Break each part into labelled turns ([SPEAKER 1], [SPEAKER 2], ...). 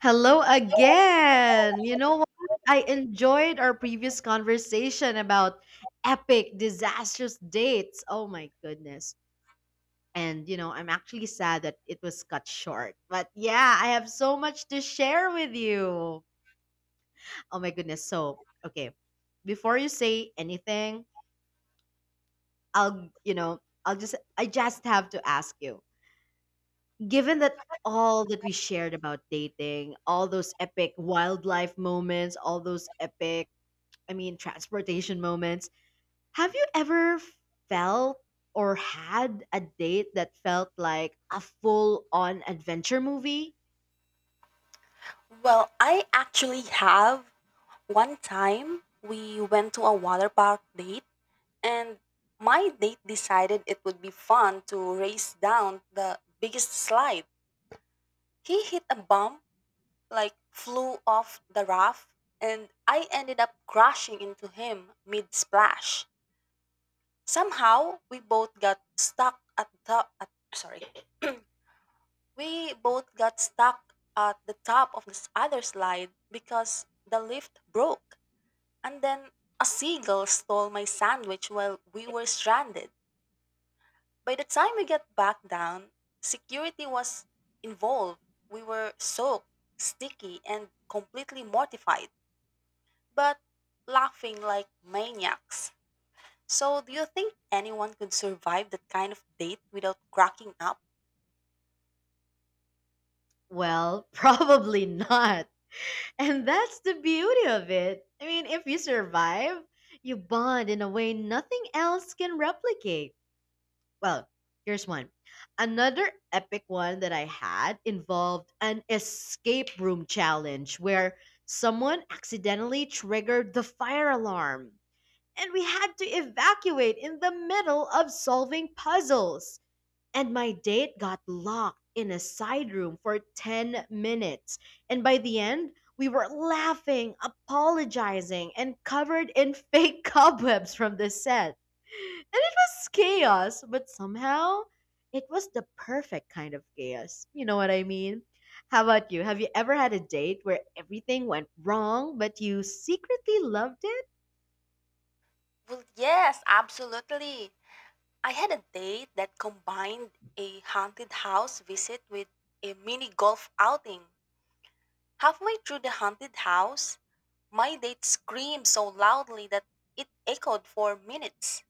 [SPEAKER 1] Hello again. You know what? I enjoyed our previous conversation about epic, disastrous dates. Oh my goodness. And I'm actually sad that it was cut short. But yeah, I have so much to share with you. Oh my goodness. So, okay, before you say anything, I'll, you know, I'll just, I just have to ask you given that all that we shared about dating, all those epic wildlife moments, all those epic, I mean, transportation moments. Have you ever felt or had a date that felt like a full on adventure movie?
[SPEAKER 2] Well, I actually have. One time we went to a water park date, and my date decided it would be fun to race down the biggest slide. He hit a bump, like flew off the raft, and I ended up crashing into him mid splash. Somehow we both got stuck at the top at sorry. we both got stuck at the top of this other slide because the lift broke. And then a seagull stole my sandwich while we were stranded. By the time we got back down, security was involved. We were soaked, sticky, and completely mortified, but laughing like maniacs. So, do you think anyone could survive that kind of date without cracking up?
[SPEAKER 1] Well, probably not. And that's the beauty of it. I mean, if you survive, you bond in a way nothing else can replicate. Well, here's one. Another epic one that I had involved an escape room challenge where someone accidentally triggered the fire alarm, and we had to evacuate in the middle of solving puzzles. And my date got locked in a side room for 10 minutes. And by the end, we were laughing, apologizing, and covered in fake cobwebs from the set. And it was chaos, but somehow it was the perfect kind of chaos. You know what I mean? How about you? Have you ever had a date where everything went wrong, but you secretly loved it?
[SPEAKER 2] Well, yes, absolutely. I had a date that combined a haunted house visit with a mini golf outing. Halfway through the haunted house, my date screamed so loudly that it echoed for minutes.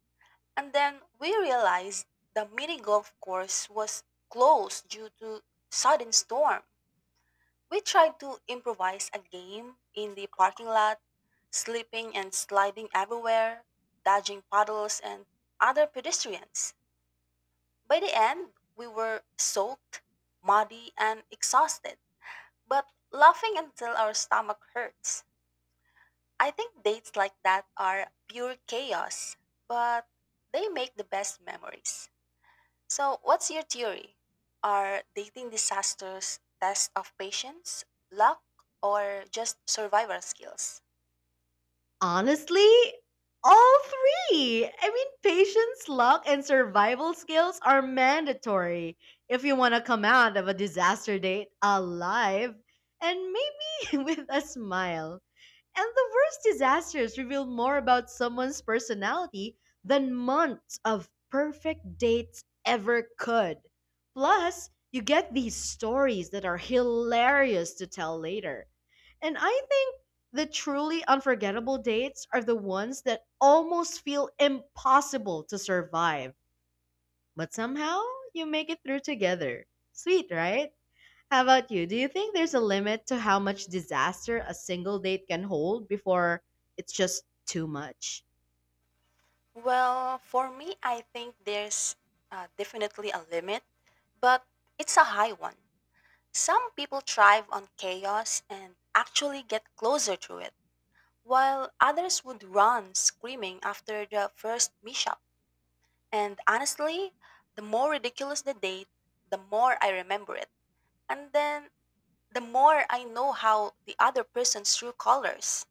[SPEAKER 2] And then we realized the mini golf course was closed due to sudden storm. We tried to improvise a game in the parking lot, slipping and sliding everywhere, dodging puddles and other pedestrians. By the end, we were soaked, muddy, and exhausted, but laughing until our stomach hurts. I think dates like that are pure chaos, but they make the best memories. So, what's your theory? Are dating disasters test of patience, luck, or just survival skills?
[SPEAKER 1] Honestly, all three. I mean, patience, luck, and survival skills are mandatory if you want to come out of a disaster date alive and maybe with a smile. And the worst disasters reveal more about someone's personality than months of perfect dates ever could. Plus, you get these stories that are hilarious to tell later. And I think the truly unforgettable dates are the ones that almost feel impossible to survive, but somehow you make it through together. Sweet, right? How about you? Do you think there's a limit to how much disaster a single date can hold before it's just too much?
[SPEAKER 2] Well, for me, I think there's definitely a limit, but it's a high one. Some people thrive on chaos and actually get closer to it, while others would run screaming after the first mishap. And honestly, the more ridiculous the date, the more I remember it. And then the more I know how the other person's true colors.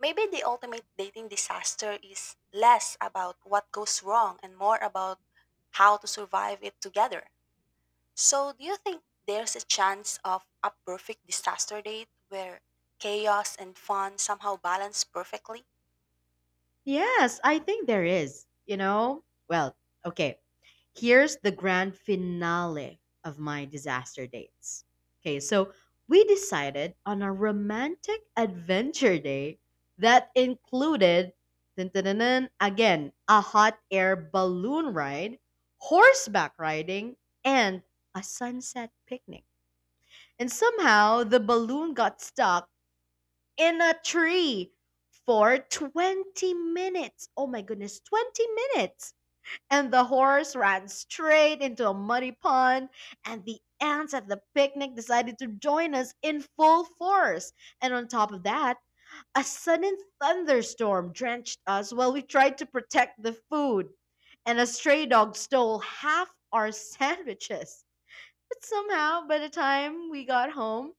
[SPEAKER 2] Maybe the ultimate dating disaster is less about what goes wrong and more about how to survive it together. So, do you think there's a chance of a perfect disaster date where chaos and fun somehow balance perfectly?
[SPEAKER 1] Yes, I think there is. You know? Well, okay. Here's the grand finale of my disaster dates. Okay, so we decided on a romantic adventure day that included, dun, dun, dun, dun, again, a hot air balloon ride, horseback riding, and a sunset picnic. And somehow the balloon got stuck in a tree for 20 minutes. Oh my goodness, 20 minutes. And the horse ran straight into a muddy pond, and the ants at the picnic decided to join us in full force. And on top of that, a sudden thunderstorm drenched us while we tried to protect the food. And a stray dog stole half our sandwiches. But somehow, by the time we got home,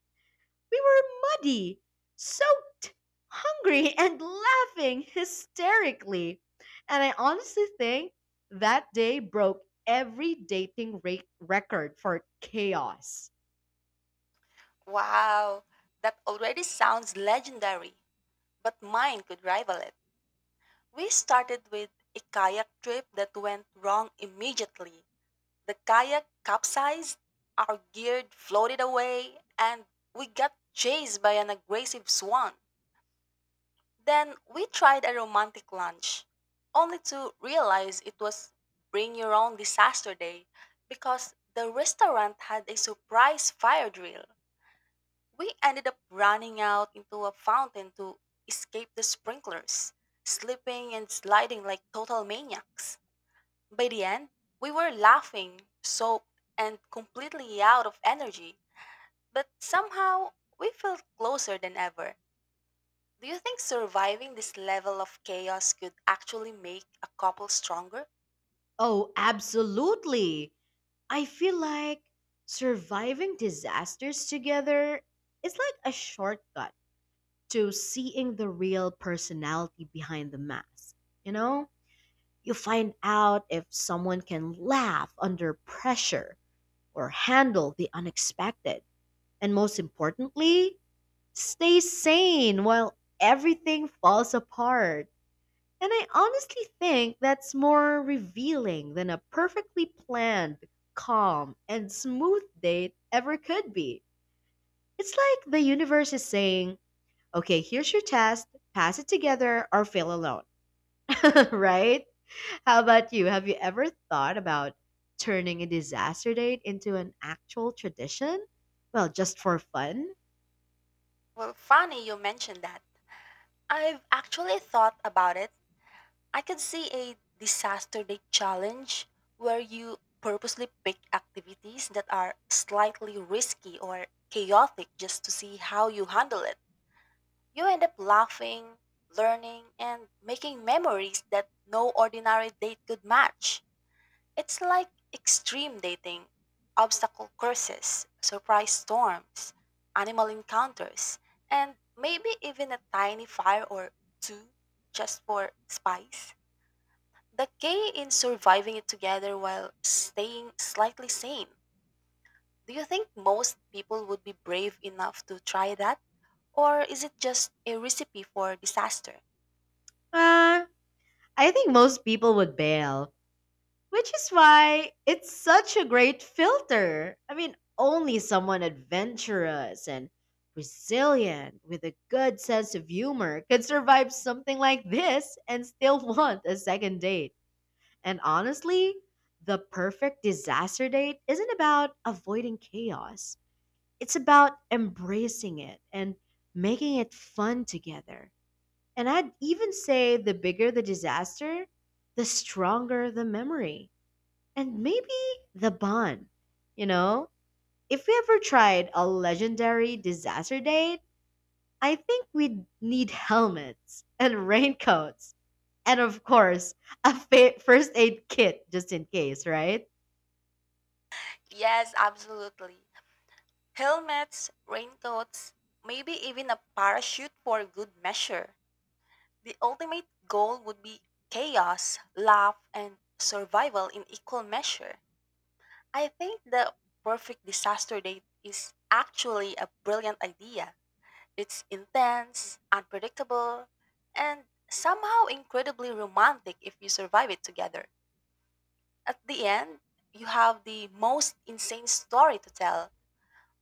[SPEAKER 1] we were muddy, soaked, hungry, and laughing hysterically. And I honestly think that day broke every dating rate record for chaos.
[SPEAKER 2] Wow, that already sounds legendary, but mine could rival it. We started with a kayak trip that went wrong immediately. The kayak capsized, our gear floated away, and we got chased by an aggressive swan. Then we tried a romantic lunch, only to realize it was bring your own disaster day because the restaurant had a surprise fire drill. We ended up running out into a fountain to escape the sprinklers, slipping and sliding like total maniacs. By the end, we were laughing, soaked, and completely out of energy, but somehow we felt closer than ever. Do you think surviving this level of chaos could actually make a couple stronger?
[SPEAKER 1] Oh, absolutely. I feel like surviving disasters together is like a shortcut to seeing the real personality behind the mask. You know, you find out if someone can laugh under pressure or handle the unexpected. And most importantly, stay sane while everything falls apart. And I honestly think that's more revealing than a perfectly planned, calm, and smooth date ever could be. It's like the universe is saying, okay, here's your test, pass it together or fail alone, right? How about you? Have you ever thought about turning a disaster date into an actual tradition? Well, just for fun?
[SPEAKER 2] Well, funny you mentioned that. I've actually thought about it. I can see a disaster day challenge where you purposely pick activities that are slightly risky or chaotic just to see how you handle it. You end up laughing, learning, and making memories that no ordinary date could match. It's like extreme dating, obstacle courses, surprise storms, animal encounters, and maybe even a tiny fire or two just for spice. The key in surviving it together while staying slightly sane. Do you think most people would be brave enough to try that? Or is it just a recipe for disaster?
[SPEAKER 1] Uh, I think most people would bail, which is why it's such a great filter. I mean, only someone adventurous and resilient with a good sense of humor could survive something like this and still want a second date. And honestly, the perfect disaster date isn't about avoiding chaos. It's about embracing it and making it fun together. And I'd even say the bigger the disaster, the stronger the memory and maybe the bond. You know, if we ever tried a legendary disaster date, I think we'd need helmets and raincoats. And of course, a first aid kit just in case, right?
[SPEAKER 2] Yes, absolutely. Helmets, raincoats, maybe even a parachute for good measure. The ultimate goal would be chaos, laugh, and survival in equal measure. I think the perfect disaster date is actually a brilliant idea. It's intense, unpredictable, and somehow incredibly romantic if you survive it together. At the end, you have the most insane story to tell,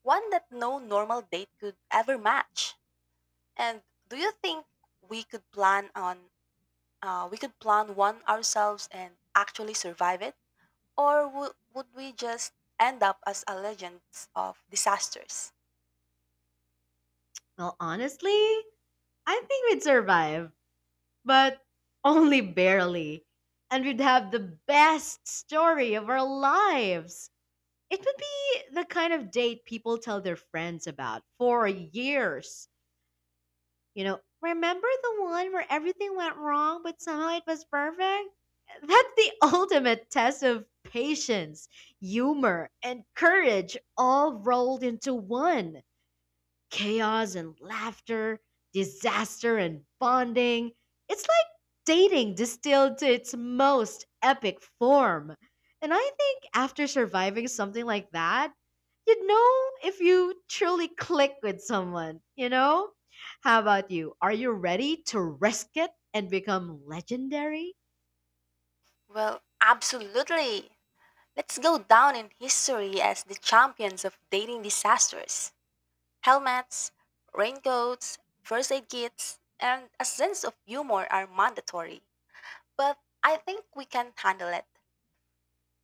[SPEAKER 2] one that no normal date could ever match. And do you think we could plan on we could plan one ourselves and actually survive it, or would we just end up as a legend of disasters?
[SPEAKER 1] Well, honestly, I think we'd survive, but only barely. And we'd have the best story of our lives. It would be the kind of date people tell their friends about for years. You know, remember the one where everything went wrong, but somehow it was perfect? That's the ultimate test of patience, humor, and courage all rolled into one chaos and laughter, disaster and bonding. It's like dating distilled to its most epic form. And I think after surviving something like that, you'd know if you truly click with someone, you know? How about you? Are you ready to risk it and become legendary?
[SPEAKER 2] Well, absolutely. Let's go down in history as the champions of dating disasters. Helmets, raincoats, first aid kits, and a sense of humor are mandatory. But I think we can handle it.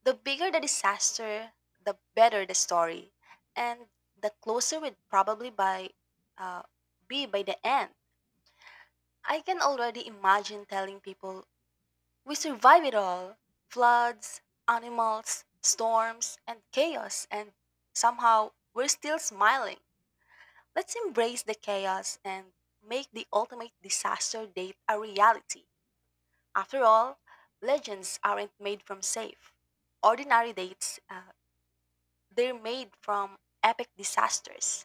[SPEAKER 2] The bigger the disaster, the better the story, and the closer we'd probably uh, be by the end. I can already imagine telling people, "We survive it all, floods, animals, storms, and chaos," and somehow we're still smiling. Let's embrace the chaos and make the ultimate disaster date a reality. After all, legends aren't made from safe, ordinary dates, they're made from epic disasters.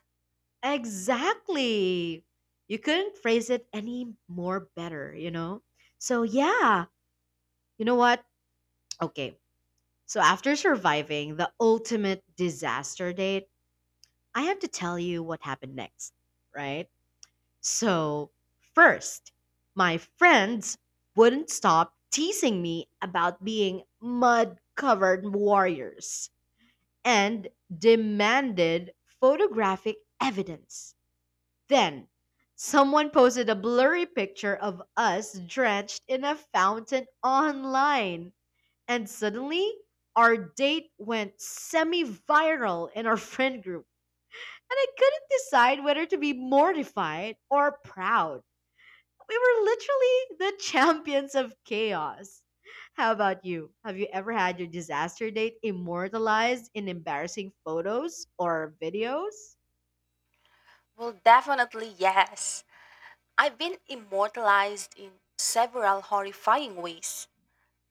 [SPEAKER 1] Exactly. You couldn't phrase it any more better, you know? So, yeah, you know what? Okay, so after surviving the ultimate disaster date, I have to tell you what happened next, right? So, first, my friends wouldn't stop teasing me about being mud covered warriors and demanded photographic evidence. Then, someone posted a blurry picture of us drenched in a fountain online and suddenly, our date went semi viral in our friend group. And I couldn't decide whether to be mortified or proud. We were literally the champions of chaos. How about you? Have you ever had your disaster date immortalized in embarrassing photos or videos?
[SPEAKER 2] Well, definitely yes. I've been immortalized in several horrifying ways.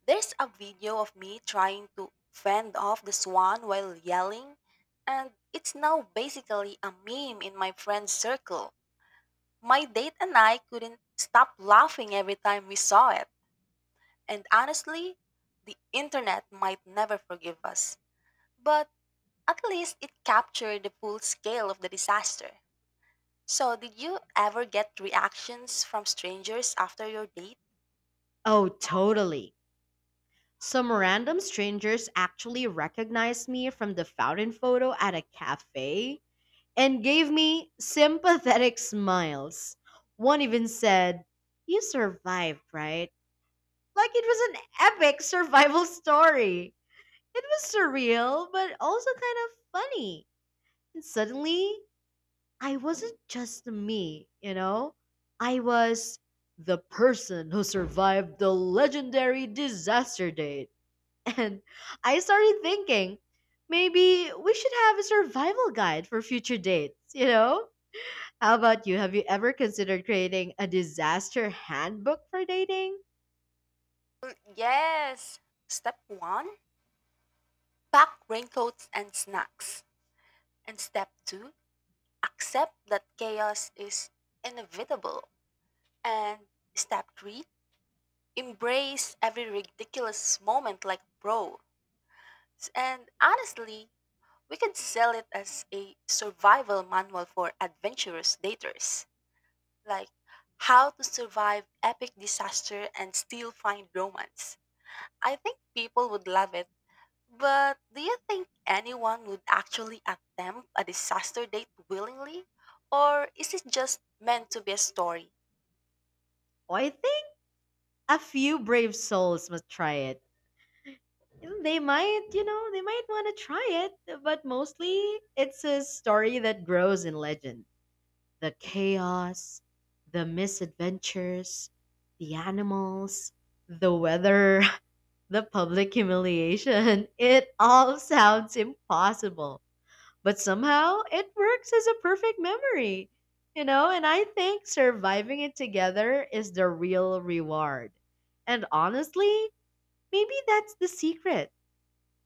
[SPEAKER 2] There's a video of me trying to fend off the swan while yelling, and it's now basically a meme in my friend's circle. My date and I couldn't stop laughing every time we saw it. And honestly, the internet might never forgive us. But at least it captured the full scale of the disaster. So, did you ever get reactions from strangers after your date?
[SPEAKER 1] Oh, totally. Some random strangers actually recognized me from the fountain photo at a cafe and gave me sympathetic smiles. One even said, "You survived, right?" Like it was an epic survival story. It was surreal, but also kind of funny. And suddenly, I wasn't just me, you know? I was the person who survived the legendary disaster date. And I started thinking, maybe we should have a survival guide for future dates, you know? How about you? Have you ever considered creating a disaster handbook for dating?
[SPEAKER 2] Yes. Step 1: pack raincoats and snacks. And step two, accept that chaos is inevitable. And step three, embrace every ridiculous moment like bro. And honestly, we could sell it as a survival manual for adventurous daters. Like how to survive epic disaster and still find romance. I think people would love it. But do you think anyone would actually attempt a disaster date willingly? Or is it just meant to be a story?
[SPEAKER 1] Well, I think a few brave souls must try it. Mm. They might want to try it, but mostly it's a story that grows in legend. The chaos, the misadventures, the animals, the weather, the public humiliation. It all sounds impossible. But somehow it works as a perfect memory, you know, and I think surviving it together is the real reward. And honestly, maybe that's the secret.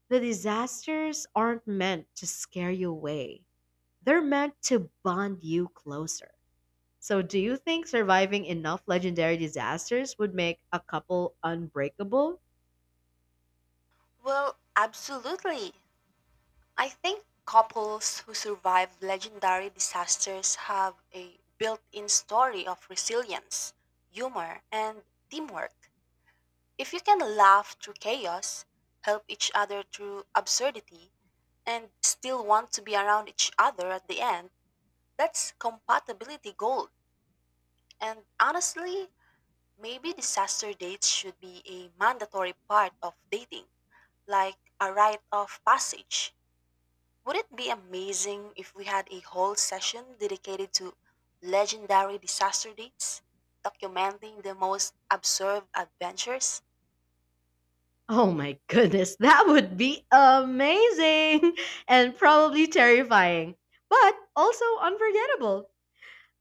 [SPEAKER 1] The disasters aren't meant to scare you away, they're meant to bond you closer. So, do you think surviving enough legendary disasters would make a couple unbreakable?
[SPEAKER 2] Well, absolutely. I think couples who survive legendary disasters have a built in story of resilience, humor, and teamwork. If you can laugh through chaos, help each other through absurdity, and still want to be around each other at the end, that's compatibility gold. And honestly, maybe disaster dates should be a mandatory part of dating, like a rite of passage. Would it be amazing if we had a whole session dedicated to legendary disaster dates, documenting the most absurd adventures?
[SPEAKER 1] Oh my goodness, that would be amazing and probably terrifying, but also unforgettable.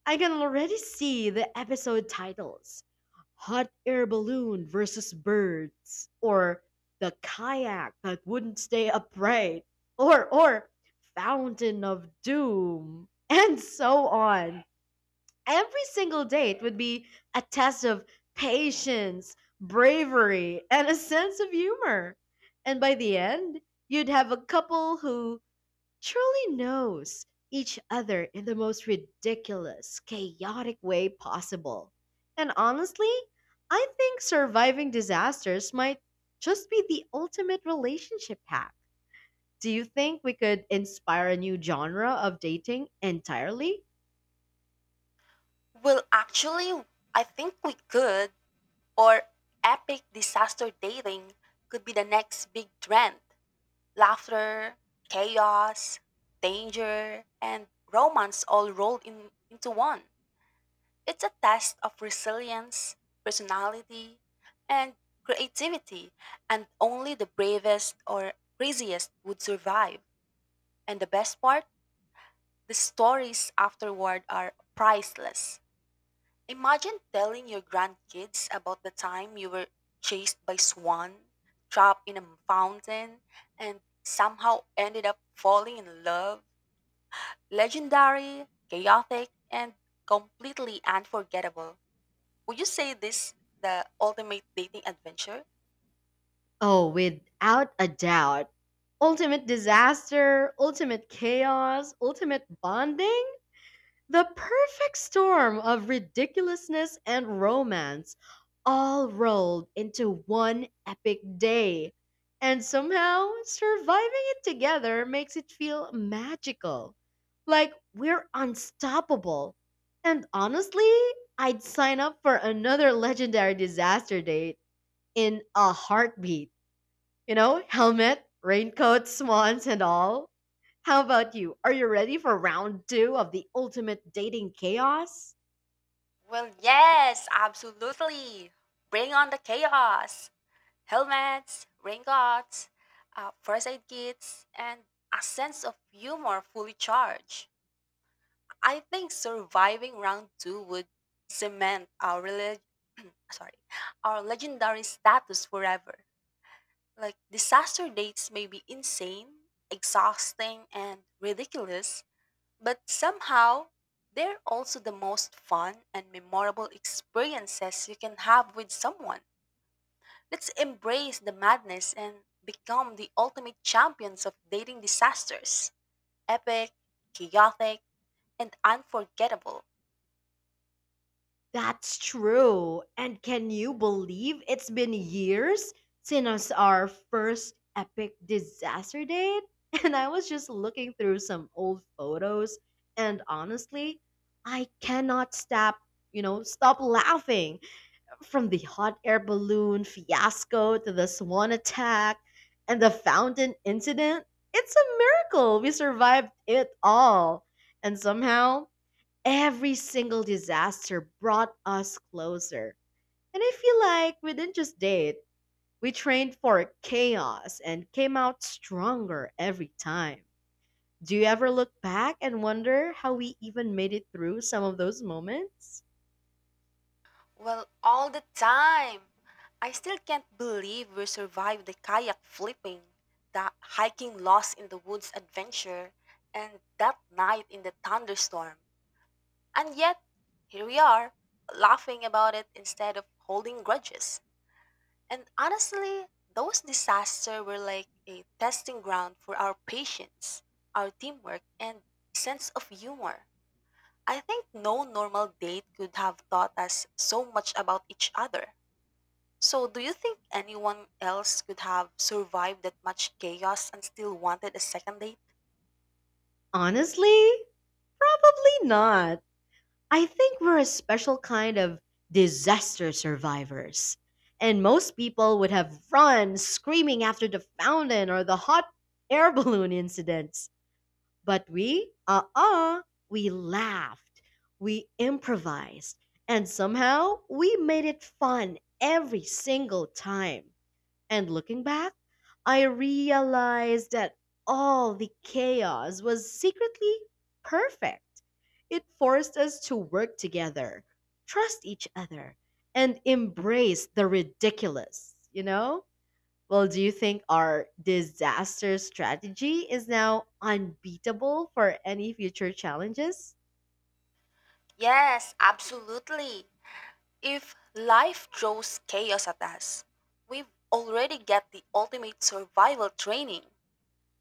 [SPEAKER 1] I can already see the episode titles: Hot Air Balloon versus Birds, or The Kayak That Wouldn't Stay Upright, or Fountain of Doom, and so on. Every single date would be a test of patience, bravery, and a sense of humor. And by the end, you'd have a couple who truly knows each other in the most ridiculous, chaotic way possible. And honestly, I think surviving disasters might just be the ultimate relationship hack. Do you think we could inspire a new genre of dating entirely?
[SPEAKER 2] Well, actually, I think we could, or epic disaster dating could be the next big trend. Laughter, chaos, danger, and romance all rolled into one. It's a test of resilience, personality, and creativity, and only the bravest or craziest would survive. And the best part, the stories afterward are priceless. Imagine telling your grandkids about the time you were chased by swan, trapped in a fountain, and somehow ended up falling in love. Legendary, chaotic, and completely unforgettable. Would you say this the ultimate dating adventure?
[SPEAKER 1] Oh, without a doubt. Ultimate disaster, ultimate chaos, ultimate bonding, the perfect storm of ridiculousness and romance all rolled into one epic day. And somehow, surviving it together makes it feel magical. Like we're unstoppable. And honestly, I'd sign up for another legendary disaster date in a heartbeat. You know, helmet, raincoat, swans, and all. How about you? Are you ready for round two of the ultimate dating chaos?
[SPEAKER 2] Well, yes, absolutely. Bring on the chaos. Helmets, raincoats, first aid kits, and a sense of humor fully charged. I think surviving round two would cement our sorry, our legendary status forever. Like disaster dates may be insane, exhausting, and ridiculous, but somehow they're also the most fun and memorable experiences you can have with someone. Let's embrace the madness and become the ultimate champions of dating disasters. Epic, chaotic, and unforgettable.
[SPEAKER 1] That's true. And can you believe it's been years since our first epic disaster date? And I was just looking through some old photos, and honestly, I cannot stop laughing. From the hot air balloon fiasco to the swan attack and the fountain incident, it's a miracle we survived it all. And somehow, every single disaster brought us closer. And I feel like we didn't just date, we trained for chaos and came out stronger every time. Do you ever look back and wonder how we even made it through some of those moments?
[SPEAKER 2] Well, all the time. I still can't believe we survived the kayak flipping, the hiking lost in the woods adventure, and that night in the thunderstorm. And yet, here we are, laughing about it instead of holding grudges. And honestly, those disasters were like a testing ground for our patience, our teamwork, and sense of humor. I think no normal date could have taught us so much about each other. So, do you think anyone else could have survived that much chaos and still wanted a second date?
[SPEAKER 1] Honestly, probably not. I think we're a special kind of disaster survivors. And most people would have run screaming after the fountain or the hot air balloon incidents. But we laughed, we improvised, and somehow we made it fun every single time. And looking back, I realized that all the chaos was secretly perfect. It forced us to work together, trust each other, and embrace the ridiculous, you know? Well, do you think our disaster strategy is now unbeatable for any future challenges?
[SPEAKER 2] Yes, absolutely. If life throws chaos at us, we've already got the ultimate survival training.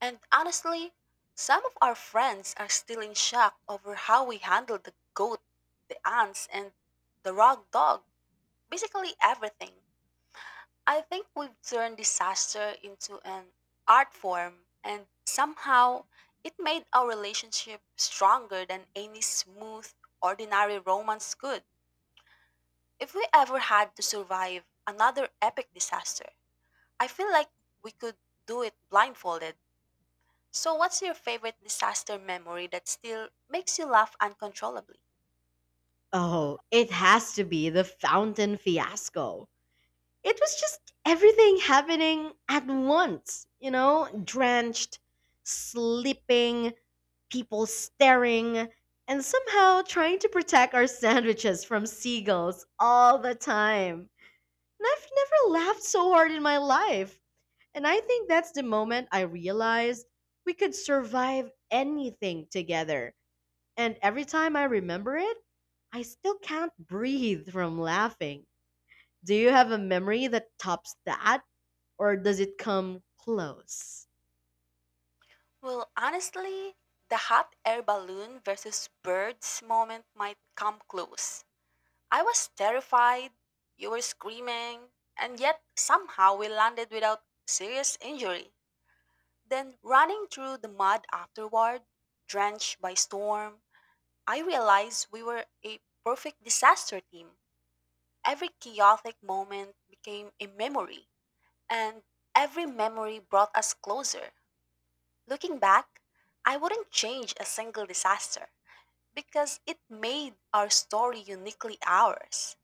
[SPEAKER 2] And honestly, some of our friends are still in shock over how we handled the goat, the ants, and the rag dog, basically everything. I think we've turned disaster into an art form, and somehow it made our relationship stronger than any smooth, ordinary romance could. If we ever had to survive another epic disaster, I feel like we could do it blindfolded. So, what's your favorite disaster memory that still makes you laugh uncontrollably?
[SPEAKER 1] Oh, it has to be the fountain fiasco. It was just everything happening at once, you know, drenched, sleeping, people staring, and somehow trying to protect our sandwiches from seagulls all the time. And I've never laughed so hard in my life. And I think that's the moment I realized we could survive anything together. And every time I remember it, I still can't breathe from laughing. Do you have a memory that tops that, or does it come close?
[SPEAKER 2] Well, honestly, the hot air balloon versus birds moment might come close. I was terrified, you were screaming, and yet somehow we landed without serious injury. Then, running through the mud afterward, drenched by storm, I realized we were a perfect disaster team. Every chaotic moment became a memory, and every memory brought us closer. Looking back, I wouldn't change a single disaster because it made our story uniquely ours.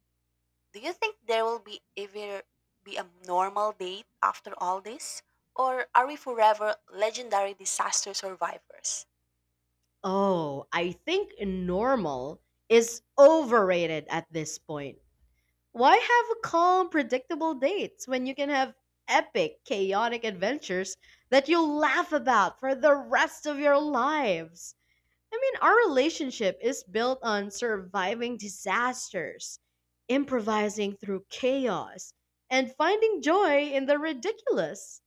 [SPEAKER 2] Do you think there will be ever be a normal date after all this? Or are we forever legendary disaster survivors?
[SPEAKER 1] Oh, I think normal is overrated at this point. Why have calm, predictable dates when you can have epic, chaotic adventures that you'll laugh about for the rest of your lives? I mean, our relationship is built on surviving disasters, improvising through chaos, and finding joy in the ridiculous.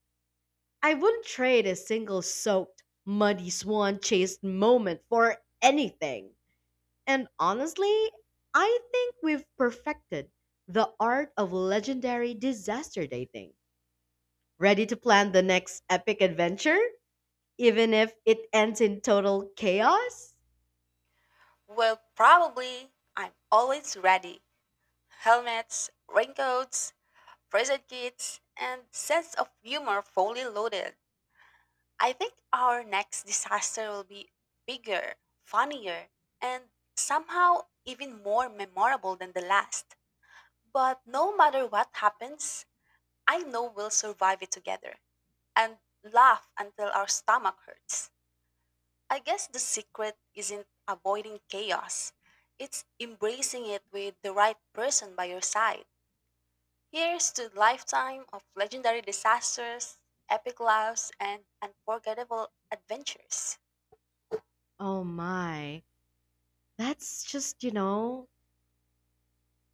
[SPEAKER 1] I wouldn't trade a single soaked, muddy swan chased moment for anything. And honestly, I think we've perfected the art of legendary disaster dating. Ready to plan the next epic adventure, even if it ends in total chaos?
[SPEAKER 2] Well, probably. I'm always ready. Helmets, raincoats, prison kits, and sense of humor fully loaded. I think our next disaster will be bigger, funnier, and somehow even more memorable than the last. But no matter what happens, I know we'll survive it together and laugh until our stomach hurts. I guess the secret isn't avoiding chaos, it's embracing it with the right person by your side. Here's to lifetime of legendary disasters, epic laughs, and unforgettable adventures.
[SPEAKER 1] Oh my, that's just,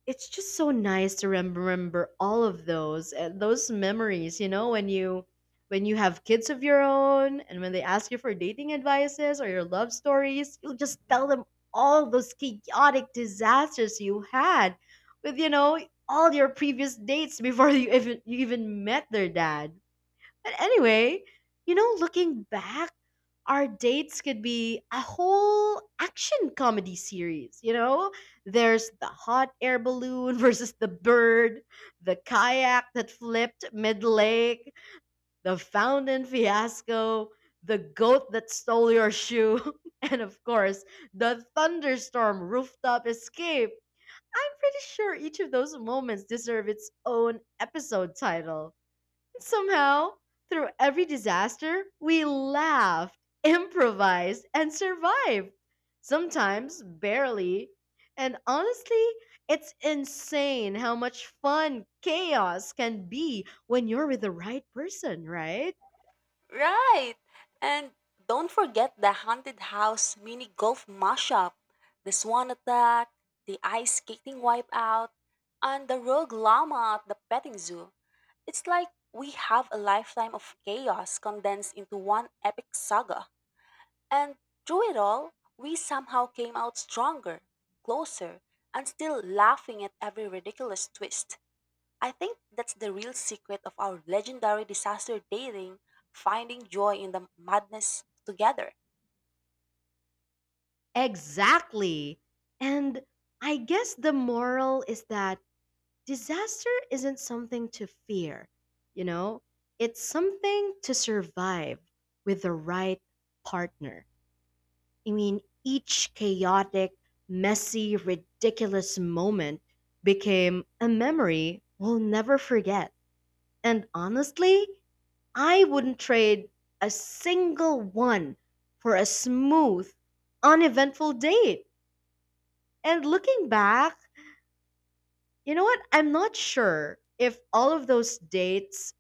[SPEAKER 1] it's just so nice to remember all of those and those memories, you know, when you have kids of your own, and when they ask you for dating advices or your love stories, you'll just tell them all those chaotic disasters you had with, all your previous dates before you even met their dad. But anyway, looking back, our dates could be a whole action comedy series, you know? There's the hot air balloon versus the bird, the kayak that flipped mid lake, the fountain fiasco, the goat that stole your shoe, and of course, the thunderstorm rooftop escape. I'm pretty sure each of those moments deserve its own episode title. Somehow, through every disaster, we laughed, improvised, and survived. Sometimes barely. And honestly, it's insane how much fun chaos can be when you're with the right person, right?
[SPEAKER 2] Right! And don't forget the haunted house mini golf mashup, the swan attack, the ice skating wipeout, and the rogue llama at the petting zoo. It's like we have a lifetime of chaos condensed into one epic saga. And through it all, we somehow came out stronger, closer, and still laughing at every ridiculous twist. I think that's the real secret of our legendary disaster dating, finding joy in the madness together.
[SPEAKER 1] Exactly. And I guess the moral is that disaster isn't something to fear, you know? It's something to survive with the right partner. I mean, each chaotic, messy, ridiculous moment became a memory we'll never forget. And honestly, I wouldn't trade a single one for a smooth, uneventful date. And looking back, you know what? I'm not sure if all of those dates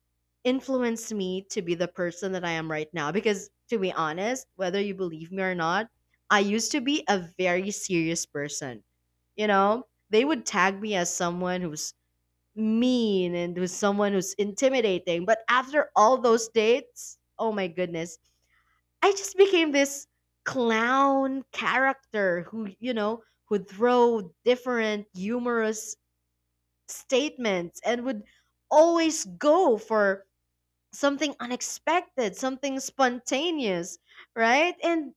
[SPEAKER 1] influenced me to be the person that I am right now. Because to be honest, whether you believe me or not, I used to be a very serious person. You know, they would tag me as someone who's mean and who's someone who's intimidating. But after all those dates, oh my goodness, I just became this clown character who, you know, would throw different humorous statements and would always go for something unexpected, something spontaneous, right? And,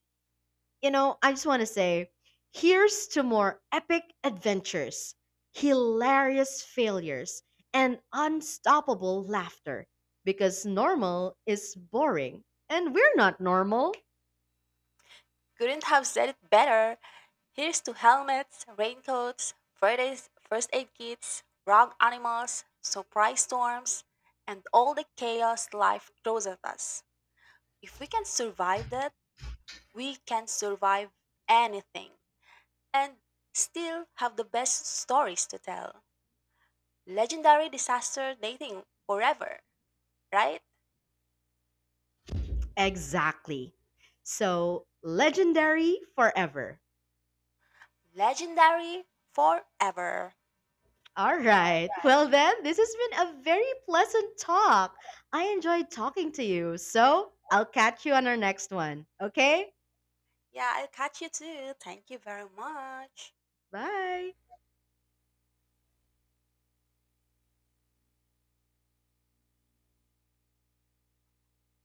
[SPEAKER 1] you know, I just want to say here's to more epic adventures, hilarious failures, and unstoppable laughter because normal is boring and we're not normal.
[SPEAKER 2] Couldn't have said it better. Here's to helmets, raincoats, Friday's first aid kits, rogue animals, surprise storms, and all the chaos life throws at us. If we can survive that, we can survive anything and still have the best stories to tell. Legendary disaster dating forever, right?
[SPEAKER 1] Exactly. So, legendary forever.
[SPEAKER 2] Legendary forever.
[SPEAKER 1] All right. Well, then, this has been a very pleasant talk. I enjoyed talking to you. So I'll catch you on our next one. Okay?
[SPEAKER 2] Yeah, I'll catch you too. Thank you very much.
[SPEAKER 1] Bye.